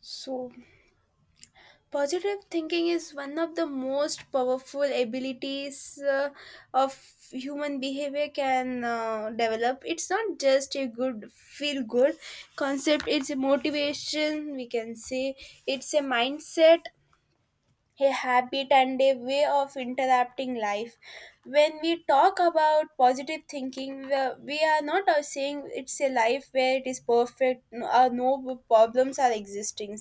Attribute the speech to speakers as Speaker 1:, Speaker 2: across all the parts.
Speaker 1: So, positive thinking is one of the most powerful abilities of human behavior can develop. It's not just a good feel good concept, it's a motivation, we can say, it's a mindset a habit and a way of interrupting life. When we talk about positive thinking, we are not saying it's a life where it is perfect or no problems are existing.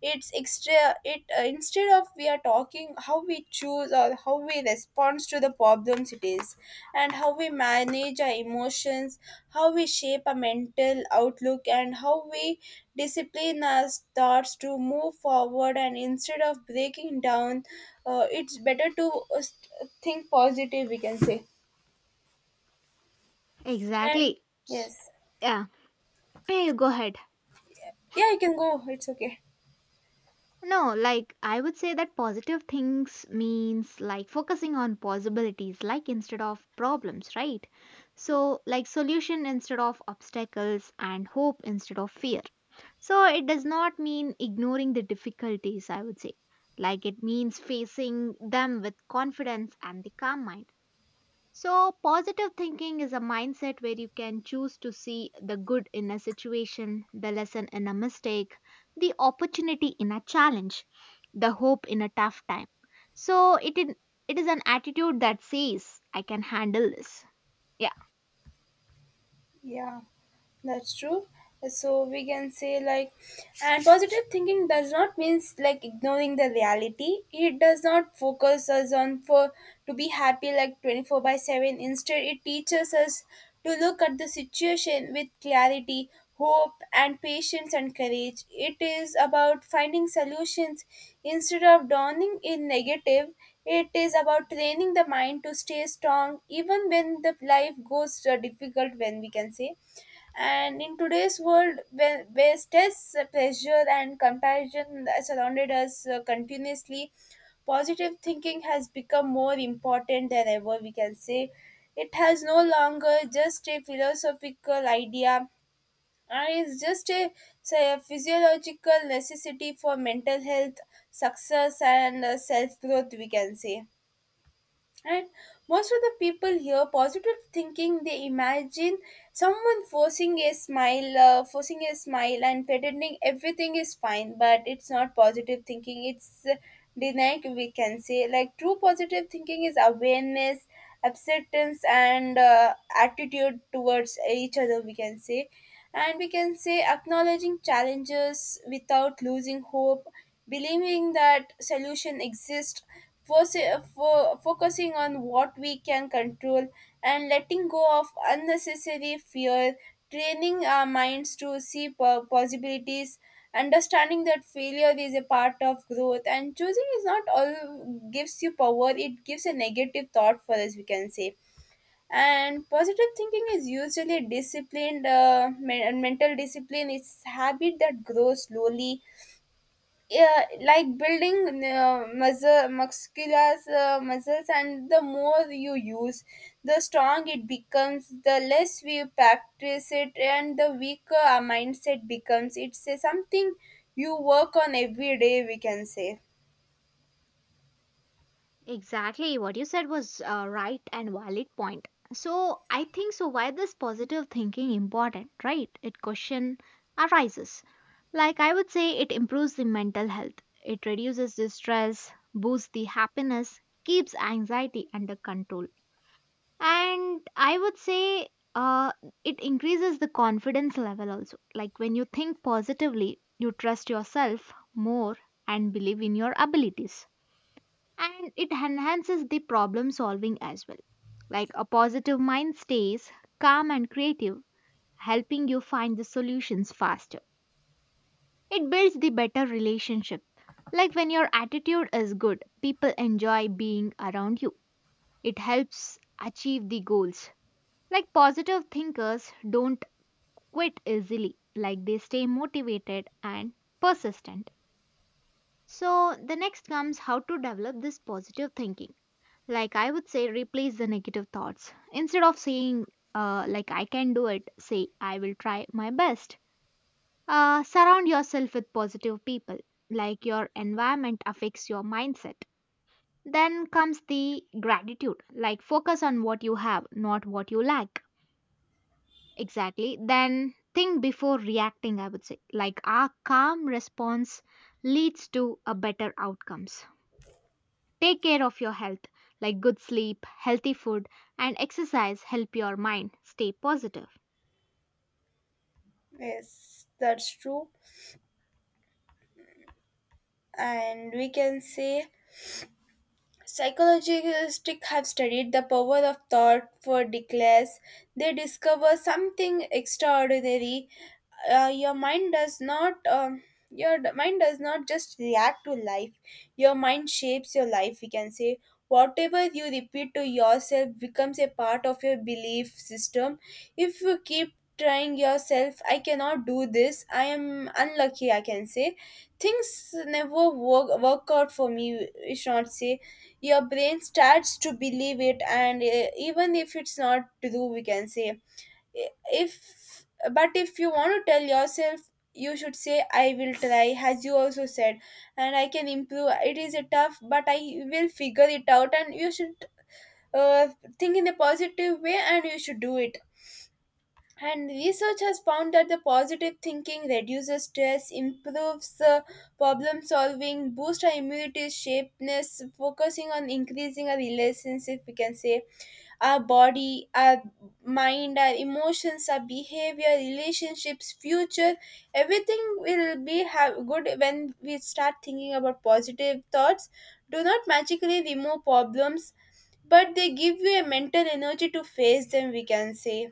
Speaker 1: It's extra. It Instead of we are talking how we choose or how we respond to the problems it is and how we manage our emotions how we shape our mental outlook and how we discipline our thoughts to move forward and instead of breaking down it's better to think positive we can say and
Speaker 2: Exactly. S-
Speaker 1: yes,
Speaker 2: Yeah. Hey, you go ahead.
Speaker 1: yeah, you can go, it's okay.
Speaker 2: No, like I would say that positive things means like focusing on possibilities, like instead of problems, right? So, like solution instead of obstacles and hope instead of fear. So, it does not mean ignoring the difficulties, I would say. Like it means facing them with confidence and the calm mind. So, positive thinking is a mindset where you can choose to see the good in a situation, the lesson in a mistake, the opportunity in a challenge, the hope in a tough time. So, it is an attitude that says, I can handle this. Yeah.
Speaker 1: Yeah, that's true. So we can say like, and positive thinking does not means like ignoring the reality. It does not focus us on for to be happy like 24/7. Instead, it teaches us to look at the situation with clarity, hope, and patience and courage. It is about finding solutions instead of dawning in negative. It is about training the mind to stay strong even when the life goes difficult. When we can say. And in today's world, where stress, pressure, and comparison surrounded us continuously, positive thinking has become more important than ever, we can say. It has no longer just a philosophical idea, and it's just a, say, a physiological necessity for mental health, success, and self growth, we can say. And most of the people here, positive thinking, they imagine someone forcing a smile, and pretending everything is fine. But it's not positive thinking. It's denied. We can say like true positive thinking is awareness, acceptance, and attitude towards each other. We can say, and we can say acknowledging challenges without losing hope believing that solution exists focusing on what we can control and letting go of unnecessary fear training our minds to see possibilities understanding that failure is a part of growth and choosing is not all gives you power it gives a negative thought for us we can say and positive thinking is usually disciplined mental discipline it's habit that grows slowly, yeah, like building muscles and the more you use the strong it becomes the less we practice it and the weaker our mindset becomes it's something you work on every day we can say.
Speaker 2: Exactly, what you said was right and valid point. So I think so. Why this positive thinking important, right? It question arises. Like I would say, it improves the mental health. It reduces the stress, boosts the happiness, keeps anxiety under control, and I would say, uh, it increases the confidence level also. Like when you think positively, you trust yourself more and believe in your abilities and it enhances the problem solving as well. Like a positive mind stays calm and creative, helping you find the solutions faster. It builds the better relationship. Like when your attitude is good, people enjoy being around you. It helps achieve the goals. Like positive thinkers don't quit easily, like they stay motivated and persistent. So, the next comes how to develop this positive thinking. Like I would say, replace the negative thoughts. Instead of saying, like I can do it, say I will try my best. Surround yourself with positive people. Like your environment affects your mindset. Then comes the gratitude. Like focus on what you have, not what you lack. Exactly. Then think before reacting, I would say. Like our calm response leads to a better outcomes. Take care of your health, like good sleep, healthy food, and exercise help your mind stay positive.
Speaker 1: Yes, that's true, and we can say psychologists have studied the power of thought for decades. They discover something extraordinary. Your mind does not. Your mind does not just react to life. Your mind shapes your life. We can say whatever you repeat to yourself becomes a part of your belief system. If you keep trying yourself, I cannot do this. I am unlucky. I can say things never work out for me. We should not say your brain starts to believe it and even if it's not true we can say if but if you want to tell yourself you should say I will try as you also said and I can improve it is a tough but I will figure it out and you should uh, think in a positive way and you should do it and research has found that the positive thinking reduces stress, improves problem solving, boosts our immunity, shapeness, focusing on increasing our relationship, we can say, our body, our mind, our emotions, our behavior, relationships, future. Everything will be have good when we start thinking about positive thoughts. Do not magically remove problems, but they give you a mental energy to face them, we can say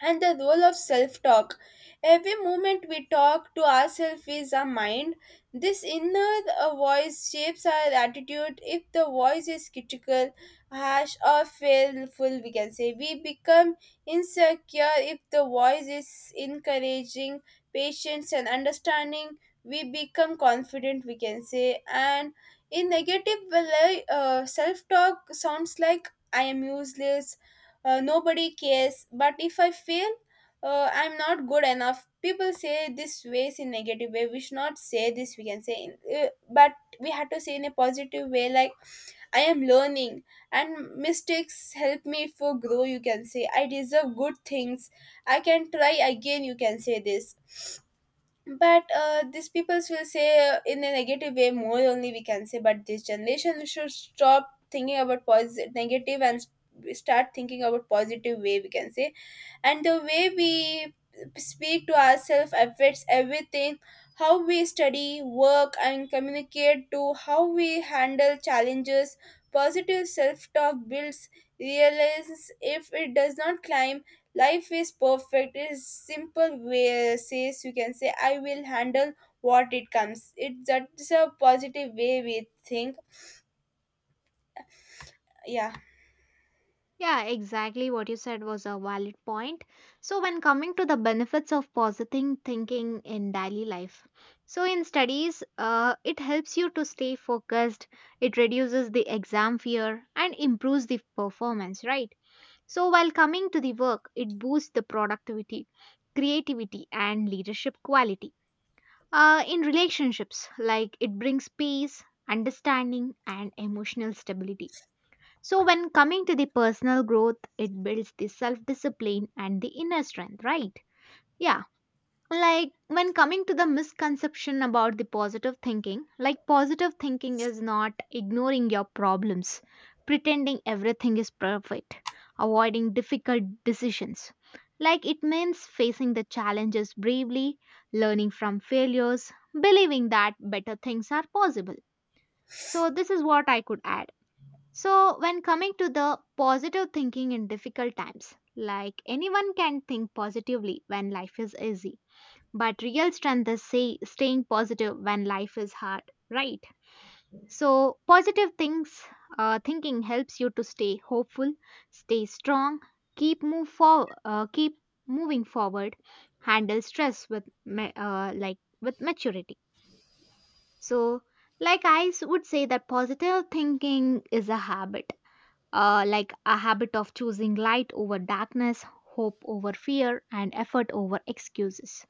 Speaker 1: and the role of self talk. Every moment we talk to ourselves is our mind. This inner voice shapes our attitude. If the voice is critical, harsh, or fearful, we can say we become insecure. If the voice is encouraging, patience, and understanding, we become confident, we can say. And in negative, well, self talk sounds like I am useless, nobody cares but if I fail I'm not good enough people say this ways in negative way we should not say this we can say but we have to say in a positive way like I am learning and mistakes help me for grow you can say I deserve good things I can try again you can say this but these peoples will say in a negative way more only we can say but this generation should stop thinking about positive negative and start thinking about positive way we can say and the way we speak to ourselves affects everything how we study work and communicate to how we handle challenges positive self-talk builds realize if it does not climb life is perfect is simple way says you can say I will handle what it comes it that's a positive way we think. Yeah,
Speaker 2: Yeah, exactly what you said was a valid point. So, when coming to the benefits of positive thinking in daily life, so in studies, it helps you to stay focused, it reduces the exam fear, and improves the performance, right? So, while coming to the work, it boosts the productivity, creativity, and leadership quality. In relationships, like it brings peace, understanding, and emotional stability. So, when coming to the personal growth, it builds the self discipline and the inner strength, right? Yeah, like when coming to the misconception about the positive thinking, like positive thinking is not ignoring your problems, pretending everything is perfect, avoiding difficult decisions. Like it means facing the challenges bravely, learning from failures, believing that better things are possible. So this is what I could add. So when coming to the positive thinking in difficult times, like anyone can think positively when life is easy, but real strength is say, staying positive when life is hard, right? So, positive things, thinking helps you to stay hopeful, stay strong, keep moving forward, handle stress with like with maturity. So, like I would say that positive thinking is a habit, like a habit of choosing light over darkness, hope over fear, and effort over excuses.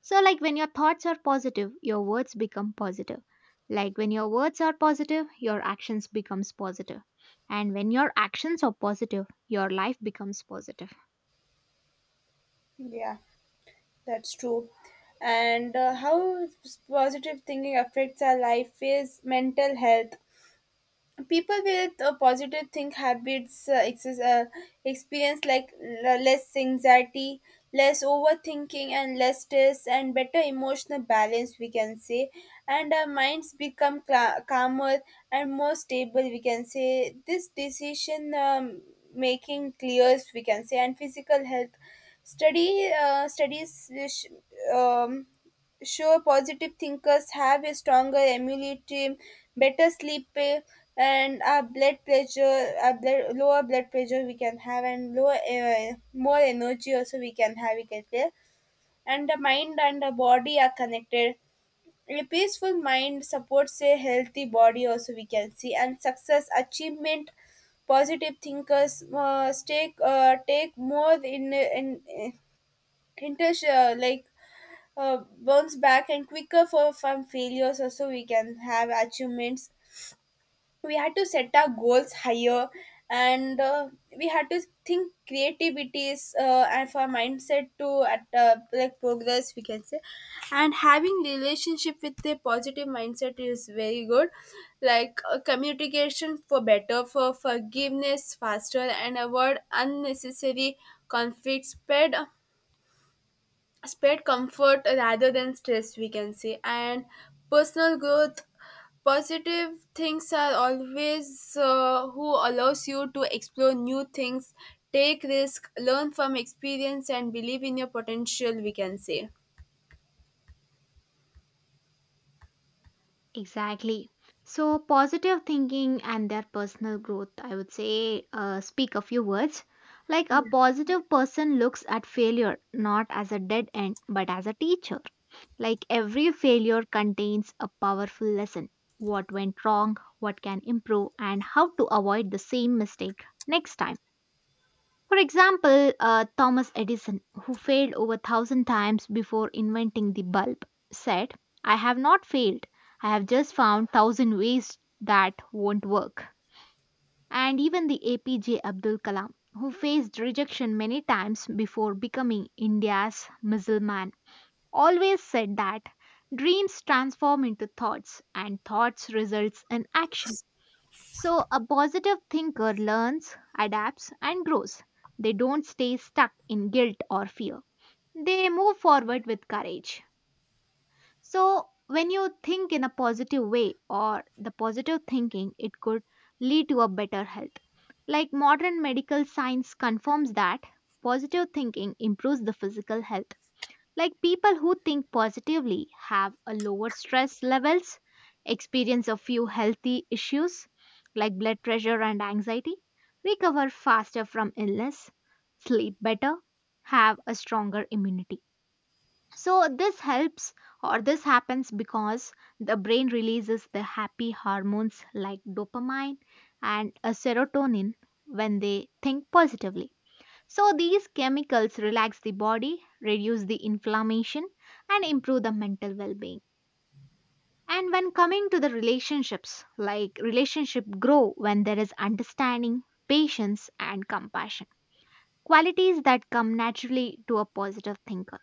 Speaker 2: So, like when your thoughts are positive, your words become positive. Like when your words are positive, your actions becomes positive. And when your actions are positive, your life becomes positive.
Speaker 1: yeah, that's true, and how positive thinking affects our life is mental health people with positive think habits experience like less anxiety less overthinking and less stress and better emotional balance we can say and our minds become cla calmer and more stable we can say this decision making clears we can say and physical health study studies sure, positive thinkers have a stronger immunity, better sleep, eh, and our blood pressure, our blood, lower blood pressure we can have, and lower, more energy also we can have. We can play, and the mind and the body are connected. A peaceful mind supports a healthy body. Also, we can see and success, achievement, positive thinkers take more in like bounce back and quicker for from failures also we can have achievements we had to set our goals higher and we had to think creativity is and for mindset to at like progress we can say and having relationship with a positive mindset is very good like communication for better for forgiveness faster and avoid unnecessary conflicts. Spread comfort rather than stress we can say and personal growth positive things are always who allows you to explore new things take risk learn from experience and believe in your potential we can say.
Speaker 2: Exactly. So, positive thinking and their personal growth, I would say, speak a few words. Like a positive person looks at failure not as a dead end but as a teacher. Like every failure contains a powerful lesson, what went wrong, what can improve, and how to avoid the same mistake next time. For example, Thomas Edison, who failed over a thousand times before inventing the bulb, said, I have not failed. I have just found thousand ways that won't work. And even the APJ Abdul Kalam, who faced rejection many times before becoming India's missile man, always said that dreams transform into thoughts and thoughts results in action. So, a positive thinker learns, adapts, and grows. They don't stay stuck in guilt or fear. They move forward with courage. So, when you think in a positive way or the positive thinking, it could lead to a better health. Like modern medical science confirms that positive thinking improves the physical health, like people who think positively have a lower stress levels, experience a few healthy issues like blood pressure and anxiety, recover faster from illness, sleep better, have a stronger immunity. So this helps or this happens because the brain releases the happy hormones like dopamine and serotonin when they think positively. So, these chemicals relax the body, reduce the inflammation, and improve the mental well being. And when coming to the relationships, like relationship grow when there is understanding, patience, and compassion. Qualities that come naturally to a positive thinker.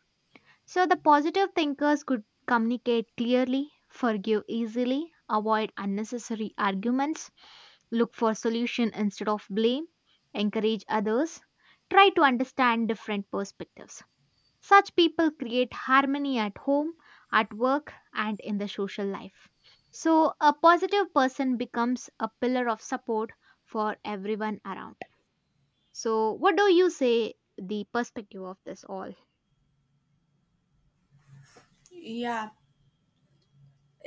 Speaker 2: So, the positive thinkers could communicate clearly, forgive easily, avoid unnecessary arguments, look for solution instead of blame, encourage others, try to understand different perspectives. Such people create harmony at home, at work, and in the social life. So, a positive person becomes a pillar of support for everyone around. So, what do you say the perspective of this all?
Speaker 1: Yeah,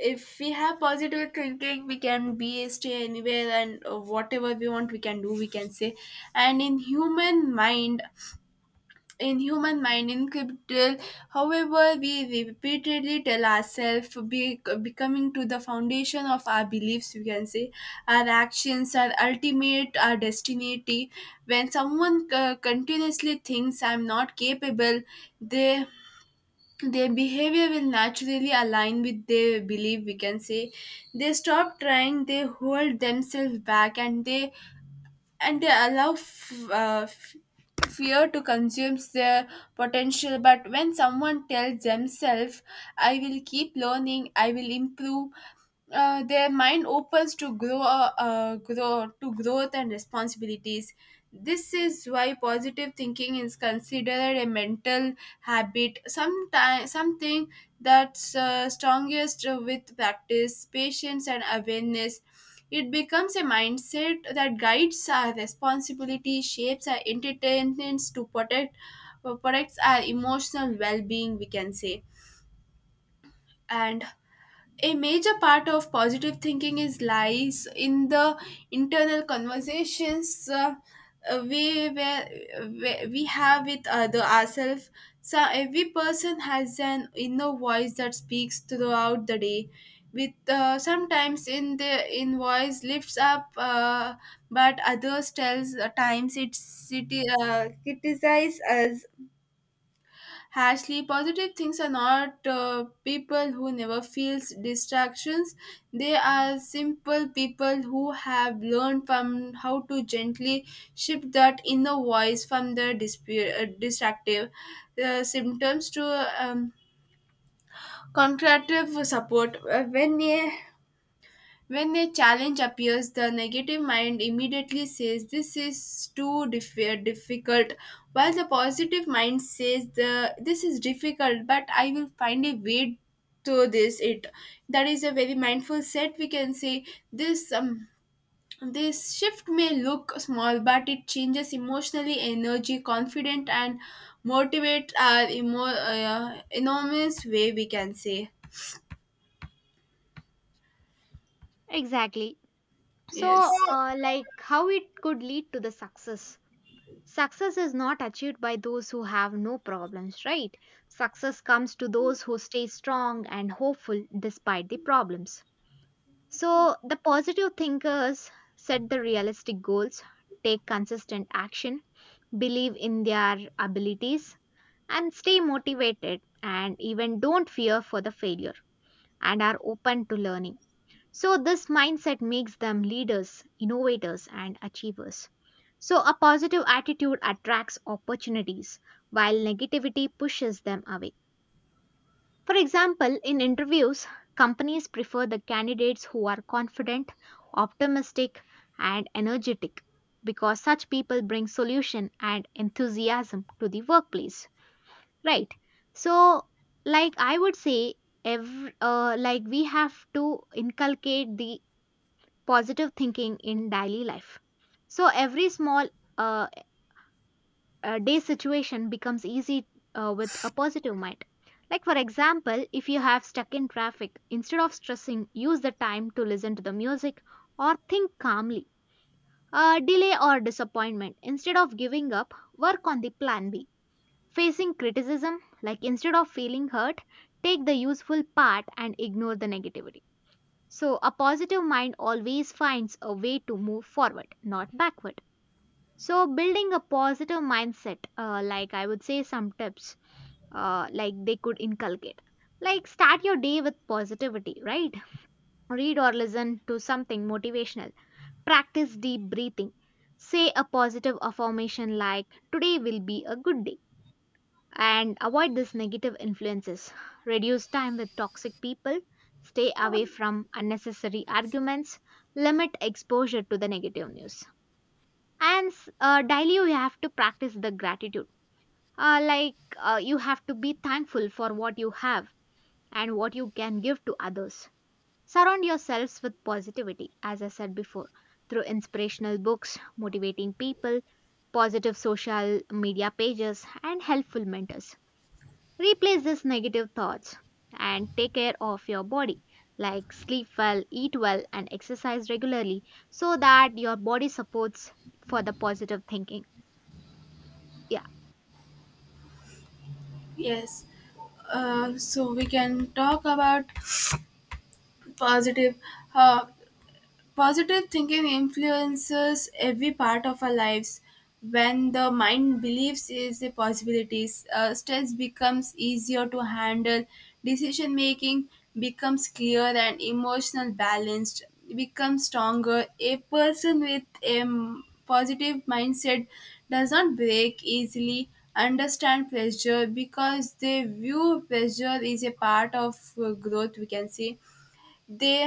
Speaker 1: if we have positive thinking we can be stay anywhere and whatever we want we can do we can say and in human mind encrypted however we repeatedly tell ourselves becoming to the foundation of our beliefs we can say our actions are ultimate our destiny when someone continuously thinks I'm not capable they their behavior will naturally align with their belief we can say they stop trying they hold themselves back and they allow fear to consume their potential but when someone tells themselves I will keep learning I will improve their mind opens to grow grow to growth and responsibilities this is why positive thinking is considered a mental habit sometimes something that's strongest with practice patience and awareness it becomes a mindset that guides our responsibility, shapes our entertainments to protect, protects our emotional well-being, we can say. And a major part of positive thinking is lies in the internal conversations uh, we, where, where we have with other ourselves so every person has an inner voice that speaks throughout the day with sometimes in the in voice lifts up but others tells times it's it criticize us harshly, positive things are not people who never feels distractions. They are simple people who have learned from how to gently shift that inner voice from the distractive symptoms to um, contractive support. When a challenge appears, the negative mind immediately says, this is too difficult, while the positive mind says, this is difficult, but I will find a way to this it that is a very mindful set we can say. this um, this shift may look small but it changes emotionally energy confident and motivate our enormous way we can say.
Speaker 2: Exactly.
Speaker 1: Yes,
Speaker 2: So, like how it could lead to the success. Success is not achieved by those who have no problems, right? Success comes to those who stay strong and hopeful despite the problems. So, the positive thinkers set the realistic goals, take consistent action, believe in their abilities, and stay motivated and even don't fear for the failure and are open to learning. So, this mindset makes them leaders, innovators, and achievers. So, a positive attitude attracts opportunities while negativity pushes them away. For example, in interviews, companies prefer the candidates who are confident, optimistic, and energetic because such people bring solution and enthusiasm to the workplace, right? So, like I would say, like we have to inculcate the positive thinking in daily life. So every small uh, day situation becomes easy with a positive mind. Like, for example, if you have stuck in traffic, instead of stressing, use the time to listen to the music or think calmly. Delay or disappointment, instead of giving up, work on the plan B. Facing criticism, like instead of feeling hurt, take the useful part and ignore the negativity. So, a positive mind always finds a way to move forward, not backward. So, building a positive mindset, like I would say some tips, like they could inculcate. Like, start your day with positivity, right? Read or listen to something motivational. Practice deep breathing. Say a positive affirmation like, Today will be a good day, and avoid these negative influences. Reduce time with toxic people, stay away from unnecessary arguments, limit exposure to the negative news. And daily, you have to practice the gratitude. You have to be thankful for what you have and what you can give to others. Surround yourselves with positivity, as I said before, through inspirational books, motivating people, positive social media pages, and helpful mentors. Replace these negative thoughts and take care of your body, like sleep well, eat well, and exercise regularly so that your body supports for the positive thinking. Yeah,
Speaker 1: yes, so we can talk about positive uh, positive thinking influences every part of our lives. When the mind believes is the possibilities, stress becomes easier to handle, decision making becomes clear, and emotional balanced becomes stronger. A person with a positive mindset does not break easily, understand pressure because they view pressure is a part of growth. We can say they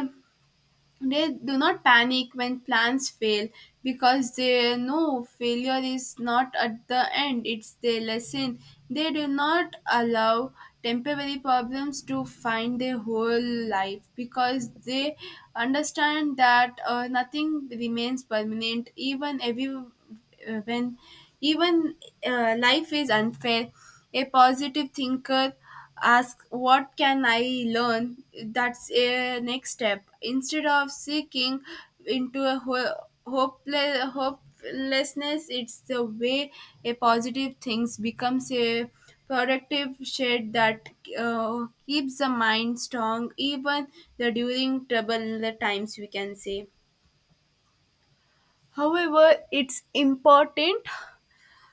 Speaker 1: they do not panic when plans fail because they know failure is not at the end, it's their lesson. They do not allow temporary problems to find their whole life because they understand that nothing remains permanent, even every when even life is unfair. A positive thinker asks, what can I learn? That's a next step instead of seeking into a hopeless hopelessness. It's the way a positive things becomes a productive shade that keeps the mind strong even the during trouble times, we can say. However, it's important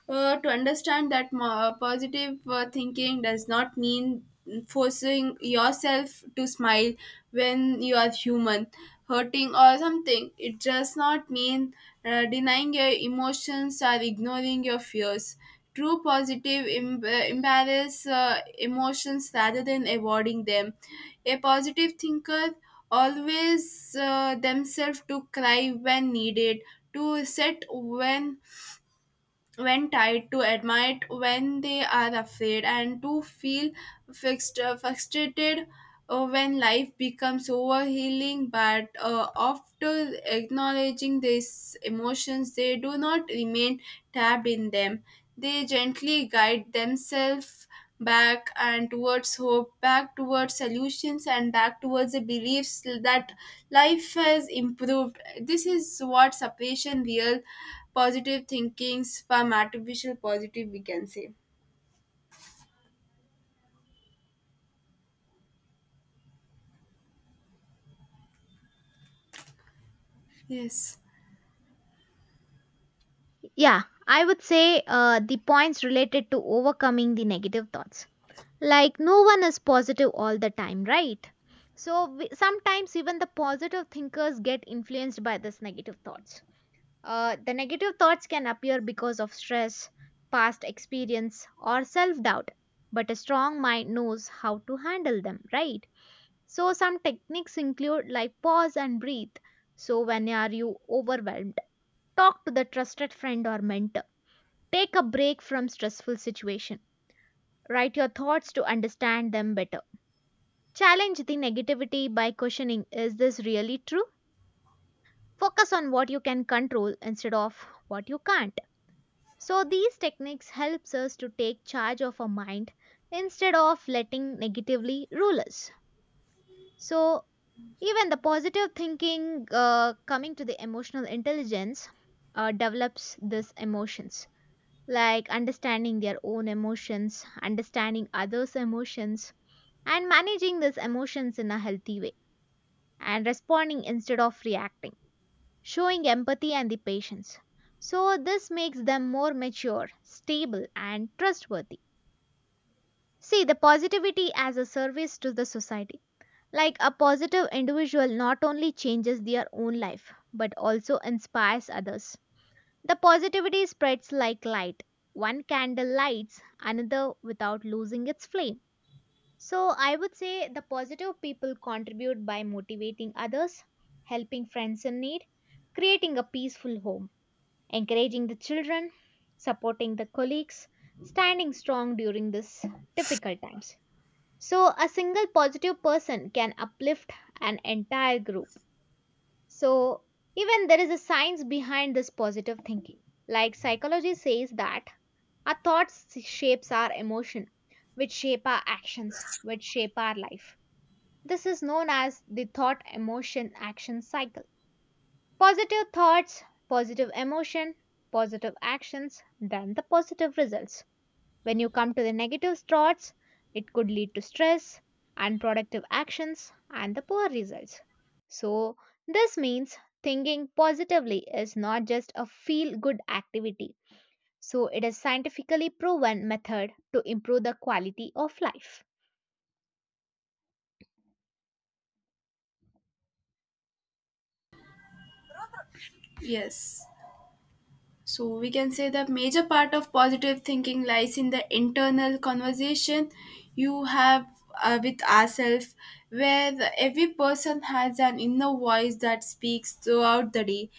Speaker 1: to understand that positive thinking does not mean forcing yourself to smile when you are human hurting or something. It does not mean denying your emotions or ignoring your fears. True positive embrace emotions rather than avoiding them. A positive thinker always themselves to cry when needed, to set when tied to admit when they are afraid, and to feel frustrated when life becomes overhealing. But after acknowledging these emotions, they do not remain tabbed in them. They gently guide themselves back and towards hope, back towards solutions, and back towards the beliefs that life has improved. This is what separation real positive thinkings from artificial positive, we can say. Yes.
Speaker 2: yeah, I would say the points related to overcoming the negative thoughts. Like, no one is positive all the time, right? So, we, sometimes even the positive thinkers get influenced by this negative thoughts. The negative thoughts can appear because of stress, past experience, or self doubt, but a strong mind knows how to handle them, right? So, some techniques include like pause and breathe. So, when are you overwhelmed, talk to the trusted friend or mentor. Take a break from stressful situation. Write your thoughts to understand them better. Challenge the negativity by questioning is this really true? Focus on what you can control instead of what you can't. So these techniques helps us to take charge of our mind instead of letting negatively rule us. So even the positive thinking coming to the emotional intelligence develops these emotions like understanding their own emotions, understanding others' emotions and managing these emotions in a healthy way and responding instead of reacting, showing empathy and the patience. So this makes them more mature, stable and trustworthy. See, the positivity as a service to the society. Like a positive individual not only changes their own life but also inspires others. The positivity spreads like light. One candle lights another without losing its flame. So, I would say the positive people contribute by motivating others, helping friends in need, creating a peaceful home, encouraging the children, supporting the colleagues, standing strong during these difficult times. So, a single positive person can uplift an entire group. So, even there is a science behind this positive thinking. Like psychology says that our thoughts shapes our emotion, which shape our actions, which shape our life. This is known as the thought emotion action cycle. Positive thoughts, positive emotion, positive actions, then the positive results. When you come to the negative thoughts, it could lead to stress, unproductive actions, and the poor results. So, this means thinking positively is not just a feel good activity. So, it is scientifically proven method to improve the quality of life.
Speaker 1: Yes. So we can say the major part of positive thinking lies in the internal conversation you have with ourselves, where every person has an inner voice that speaks throughout the day.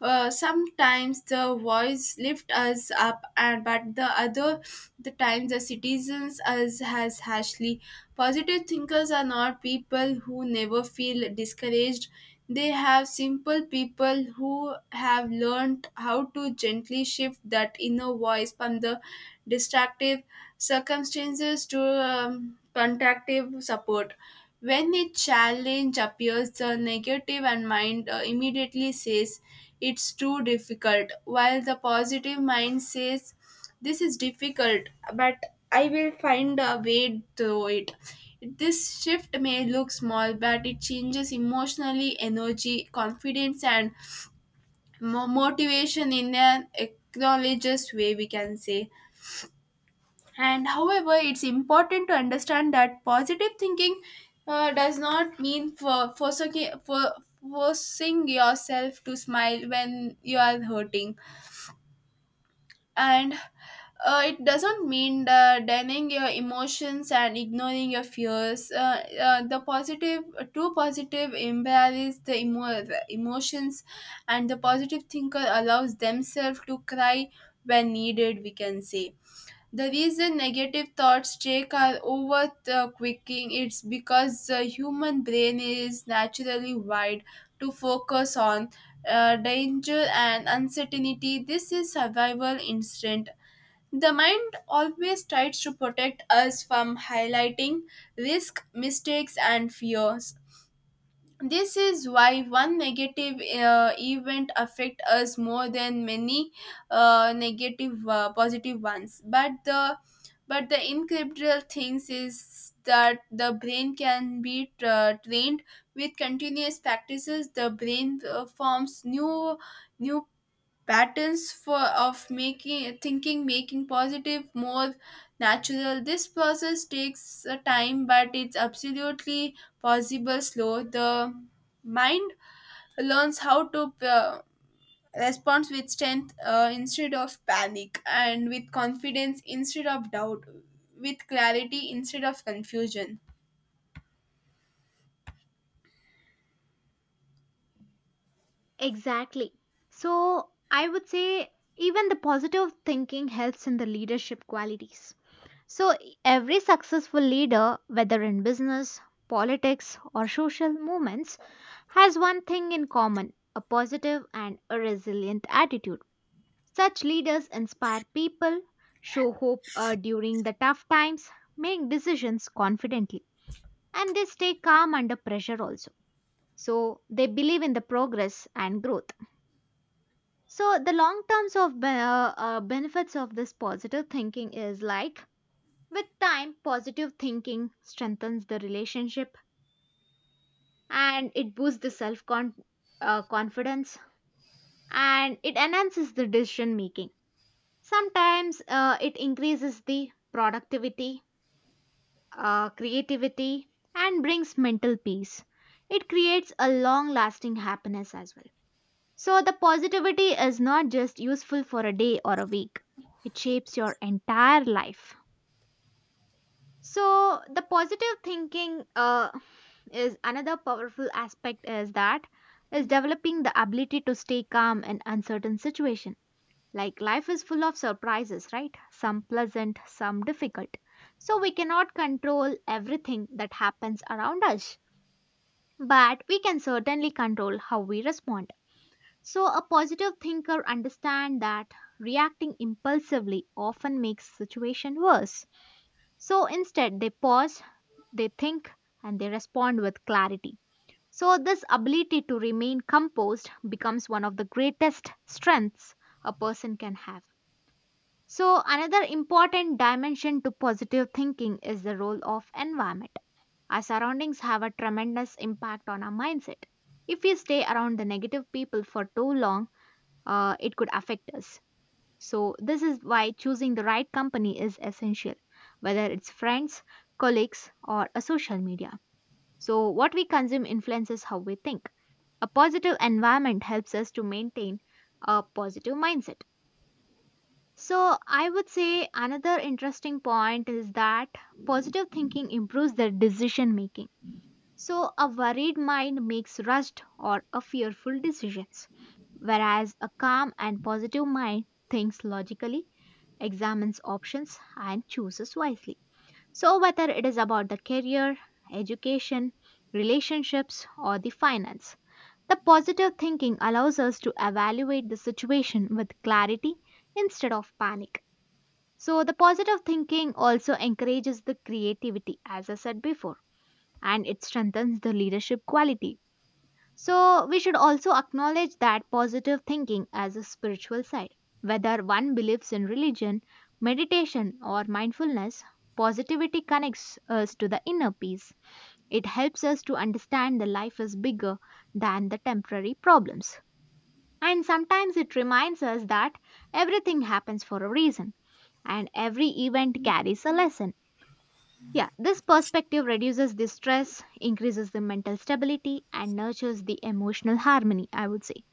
Speaker 1: Sometimes the voice lifts us up, and but the other the times the citizens us has harshly. Positive thinkers are not people who never feel discouraged. They have simple people who have learned how to gently shift that inner voice from the destructive circumstances to contactive support. When a challenge appears, the negative and mind immediately says, it's too difficult, while the positive mind says, this is difficult, but I will find a way through it. This shift may look small, but it changes emotionally, energy, confidence, and motivation in an acknowledges way, we can say. And however, it's important to understand that positive thinking does not mean for forcing yourself to smile when you are hurting, and it doesn't mean that denying your emotions and ignoring your fears. The positive, true positive, embellishes the emotions, and the positive thinker allows themselves to cry when needed, we can say. The reason negative thoughts take our over the quicking, it's because the human brain is naturally wired to focus on danger and uncertainty. This is survival instinct. The mind always tries to protect us from highlighting risk, mistakes, and fears. This is why one negative event affect us more than many negative positive ones. But the incredible thing is that the brain can be trained with continuous practices. The brain forms new new patterns for of making thinking, making positive more natural. This process takes time, but it's absolutely possible. Slow the mind learns how to responds with strength instead of panic, and with confidence instead of doubt, with clarity instead of confusion.
Speaker 2: Exactly. So, I would say even the positive thinking helps in the leadership qualities. So, every successful leader, whether in business, politics, or social movements, has one thing in common a positive and a resilient attitude. Such leaders inspire people, show hope during the tough times, make decisions confidently, and they stay calm under pressure also. So, they believe in the progress and growth. So, the long terms of benefits of this positive thinking is like with time, positive thinking strengthens the relationship and it boosts the self confidence and it enhances the decision making. Sometimes it increases the productivity, creativity, and brings mental peace. It creates a long lasting happiness as well. So, the positivity is not just useful for a day or a week, it shapes your entire life. So the positive thinking is another powerful aspect is that is developing the ability to stay calm in uncertain situation. Like life is full of surprises, right? Some pleasant, some difficult. So we cannot control everything that happens around us, but we can certainly control how we respond. So a positive thinker understand that reacting impulsively often makes situation worse. So instead they pause, they think, and they respond with clarity. So, this ability to remain composed becomes one of the greatest strengths a person can have. So, another important dimension to positive thinking is the role of environment. Our surroundings have a tremendous impact on our mindset. If we stay around the negative people for too long, it could affect us. So, this is why choosing the right company is essential, whether it's friends, colleagues, or a social media. So, what we consume influences how we think. A positive environment helps us to maintain a positive mindset. So, I would say another interesting point is that positive thinking improves the decision making. So, a worried mind makes rushed or a fearful decisions, whereas a calm and positive mind thinks logically, examines options, and chooses wisely. So, whether it is about the career, education, relationships, or the finance, the positive thinking allows us to evaluate the situation with clarity instead of panic. So, the positive thinking also encourages the creativity, as I said before, and it strengthens the leadership quality so, we should also acknowledge that positive thinking as a spiritual side. Whether one believes in religion, meditation, or mindfulness, positivity connects us to the inner peace. It helps us to understand that life is bigger than the temporary problems. And sometimes it reminds us that everything happens for a reason and every event carries a lesson. Yeah, this perspective reduces the stress, increases the mental stability, and nurtures the emotional harmony, I would say.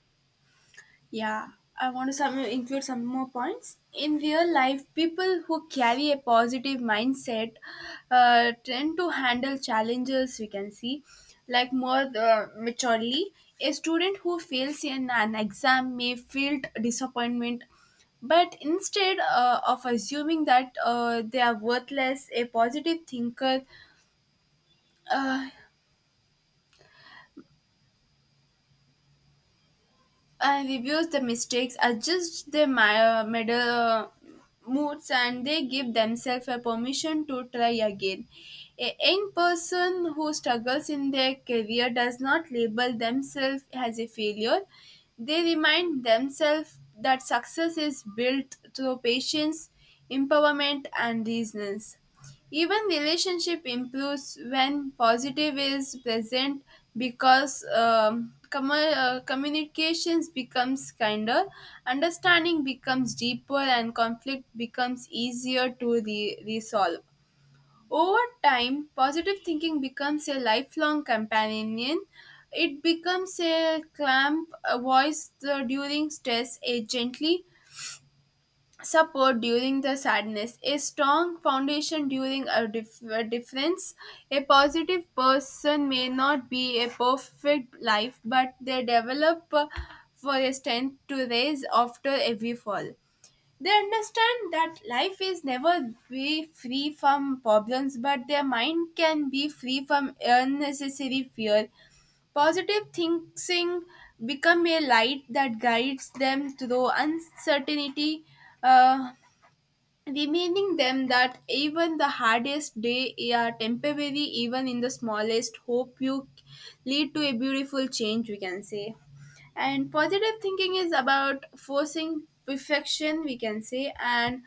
Speaker 1: Yeah, I want to some, include some more points. In real life, people who carry a positive mindset tend to handle challenges, we can see, like more maturely. A student who fails in an exam may feel disappointment, but instead of assuming that they are worthless, a positive thinker uh, and reviews the mistakes, adjust their middle moods, and they give themselves a permission to try again. A young person who struggles in their career does not label themselves as a failure. They remind themselves that success is built through patience, empowerment, and reasons. Even relationship improves when positive is present because communications becomes kinder, understanding becomes deeper, and conflict becomes easier to resolve. Over time, positive thinking becomes a lifelong companion. It becomes a clamp, a voice during stress, a gently support during the sadness, a strong foundation during a, a difference. A positive person may not be a perfect life, but they develop for a strength to raise after every fall. They understand that life is never be free from problems, but their mind can be free from unnecessary fear. Positive thinking become a light that guides them through uncertainty. Uh, Reminding them that even the hardest day are temporary, even in the smallest hope you lead to a beautiful change, we can say. And positive thinking is about forcing perfection, we can say, and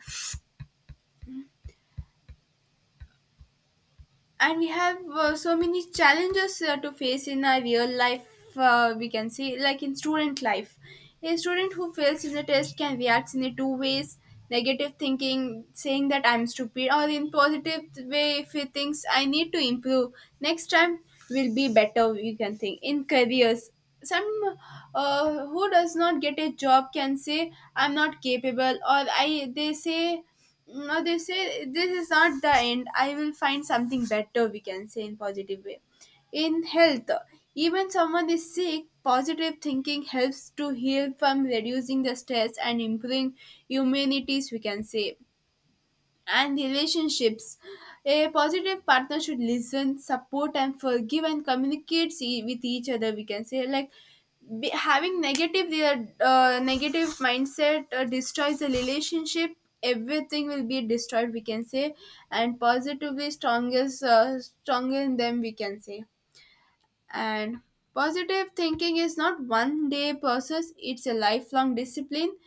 Speaker 1: and we have so many challenges to face in our real life. We can say, like in student life, a student who fails in the test can react in the two ways: negative thinking saying that I'm stupid, or in positive way, if he thinks I need to improve next time, will be better. You can think in careers, some who does not get a job can say I'm not capable, or I they say no, they say this is not the end, I will find something better, we can say in positive way. In health, even someone is sick, positive thinking helps to heal from reducing the stress and improving immunities, we can say. And relationships. A positive partner should listen, support, and forgive and communicate with each other. We can say like be, having negative their negative mindset destroys the relationship. Everything will be destroyed, we can say, and positively strongest stronger in them, we can say. And positive thinking is not one day process, it's a lifelong discipline.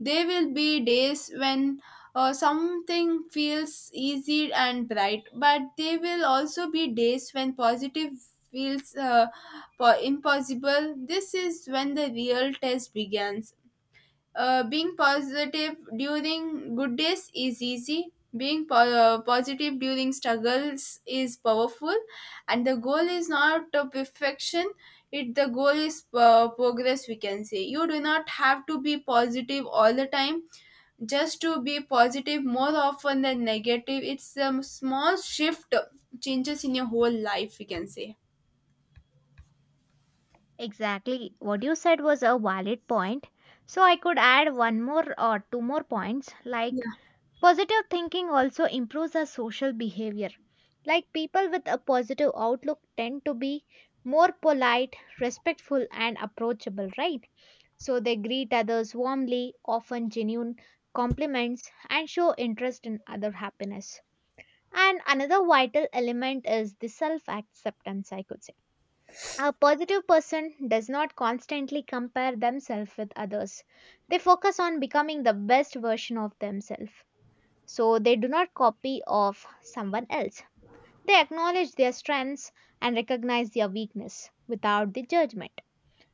Speaker 1: There will be days when something feels easy and bright, but there will also be days when positive feels impossible. This is when the real test begins. Being positive during good days is easy. Being positive during struggles is powerful, and the goal is not perfection. It the goal is progress, we can say. You do not have to be positive all the time. Just to be positive more often than negative. It's a small shift changes in your whole life, we can say.
Speaker 2: Exactly. What you said was a valid point. So I could add one more or two more points like positive thinking also improves our social behavior. Like people with a positive outlook tend to be more polite, respectful, and approachable, right? So they greet others warmly, often genuine compliments, and show interest in other happiness. And another vital element is the self acceptance, I could say a positive person does not constantly compare themselves with others. They focus on becoming the best version of themselves. So they do not copy of someone else. They acknowledge their strengths and recognize their weakness without the judgment.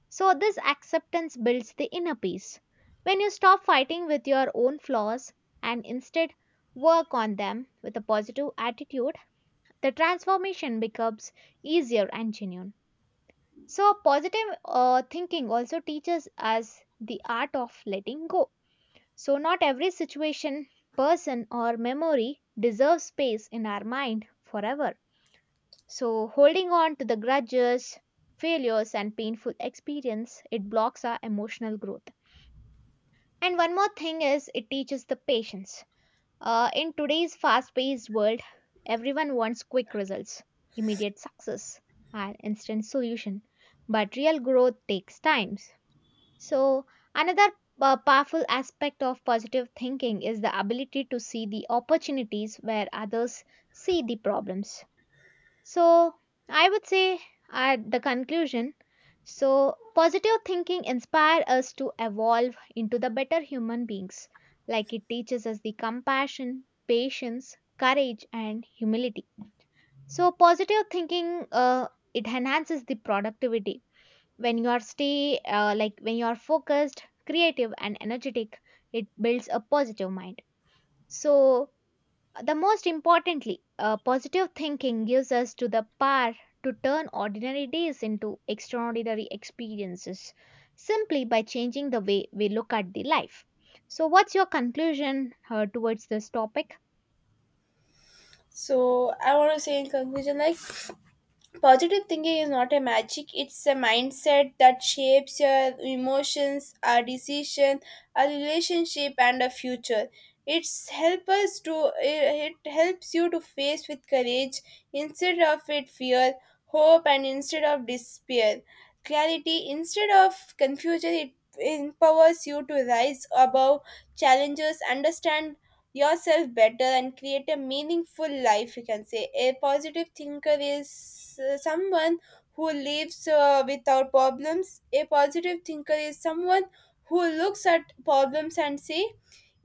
Speaker 2: So this acceptance builds the inner peace. When you stop fighting with your own flaws and instead work on them with a positive attitude, the transformation becomes easier and genuine. So, positive thinking also teaches us the art of letting go. So, not every situation, person, or memory deserves space in our mind forever. So, holding on to the grudges, failures, and painful experience, it blocks our emotional growth. And one more thing is, it teaches the patience. In today's fast paced world, everyone wants quick results, immediate success, and instant solution. But real growth takes time so, another powerful aspect of positive thinking is the ability to see the opportunities where others see the problems. So, I would say at the conclusion, so positive thinking inspires us to evolve into the better human beings, like it teaches us the compassion, patience, courage, and humility. So, positive thinking it enhances the productivity when you are focused creative and energetic it builds a positive mind so the most importantly positive thinking gives us to the power to turn ordinary days into extraordinary experiences simply by changing the way we look at the life so what's your conclusion towards this topic?
Speaker 1: So I want to say in conclusion, like, positive thinking is not a magic, it's a mindset that shapes your emotions, our decision, our relationship, and our future. It helps you to face with courage instead of with fear, hope and instead of despair. Clarity instead of confusion. It empowers you to rise above challenges, understand yourself better, and create a meaningful life. You can say a positive thinker is someone who lives without problems. A positive thinker is someone who looks at problems and say,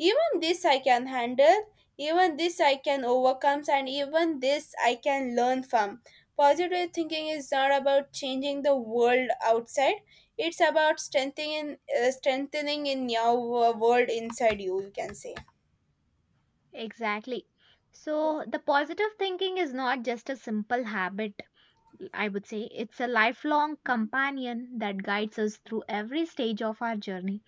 Speaker 1: even this I can handle, even this I can overcome, and even this I can learn from. Positive thinking is not about changing the world outside, it's about strengthening in your world inside you, you can say.
Speaker 2: Exactly. So the positive thinking is not just a simple habit, I would say it's a lifelong companion that guides us through every stage of our journey.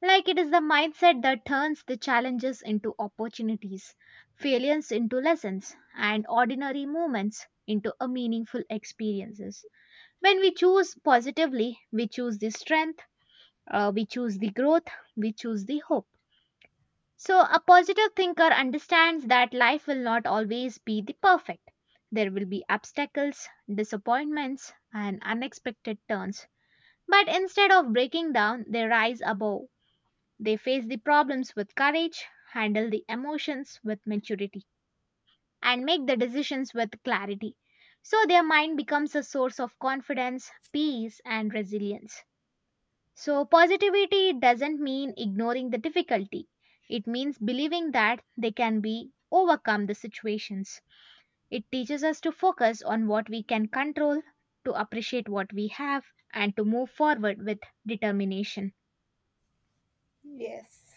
Speaker 2: Like it is the mindset that turns the challenges into opportunities, failures into lessons, and ordinary moments into a meaningful experiences. When we choose positively, we choose the strength, we choose the growth, we choose the hope. So, a positive thinker understands that life will not always be the perfect. There will be obstacles, disappointments, and unexpected turns. But instead of breaking down, they rise above. They face the problems with courage, handle the emotions with maturity, and make the decisions with clarity. So, their mind becomes a source of confidence, peace, and resilience. So, positivity doesn't mean ignoring the difficulty. It means believing that they can be overcome the situations. It teaches us to focus on what we can control, to appreciate what we have, and to move forward with determination.
Speaker 1: Yes.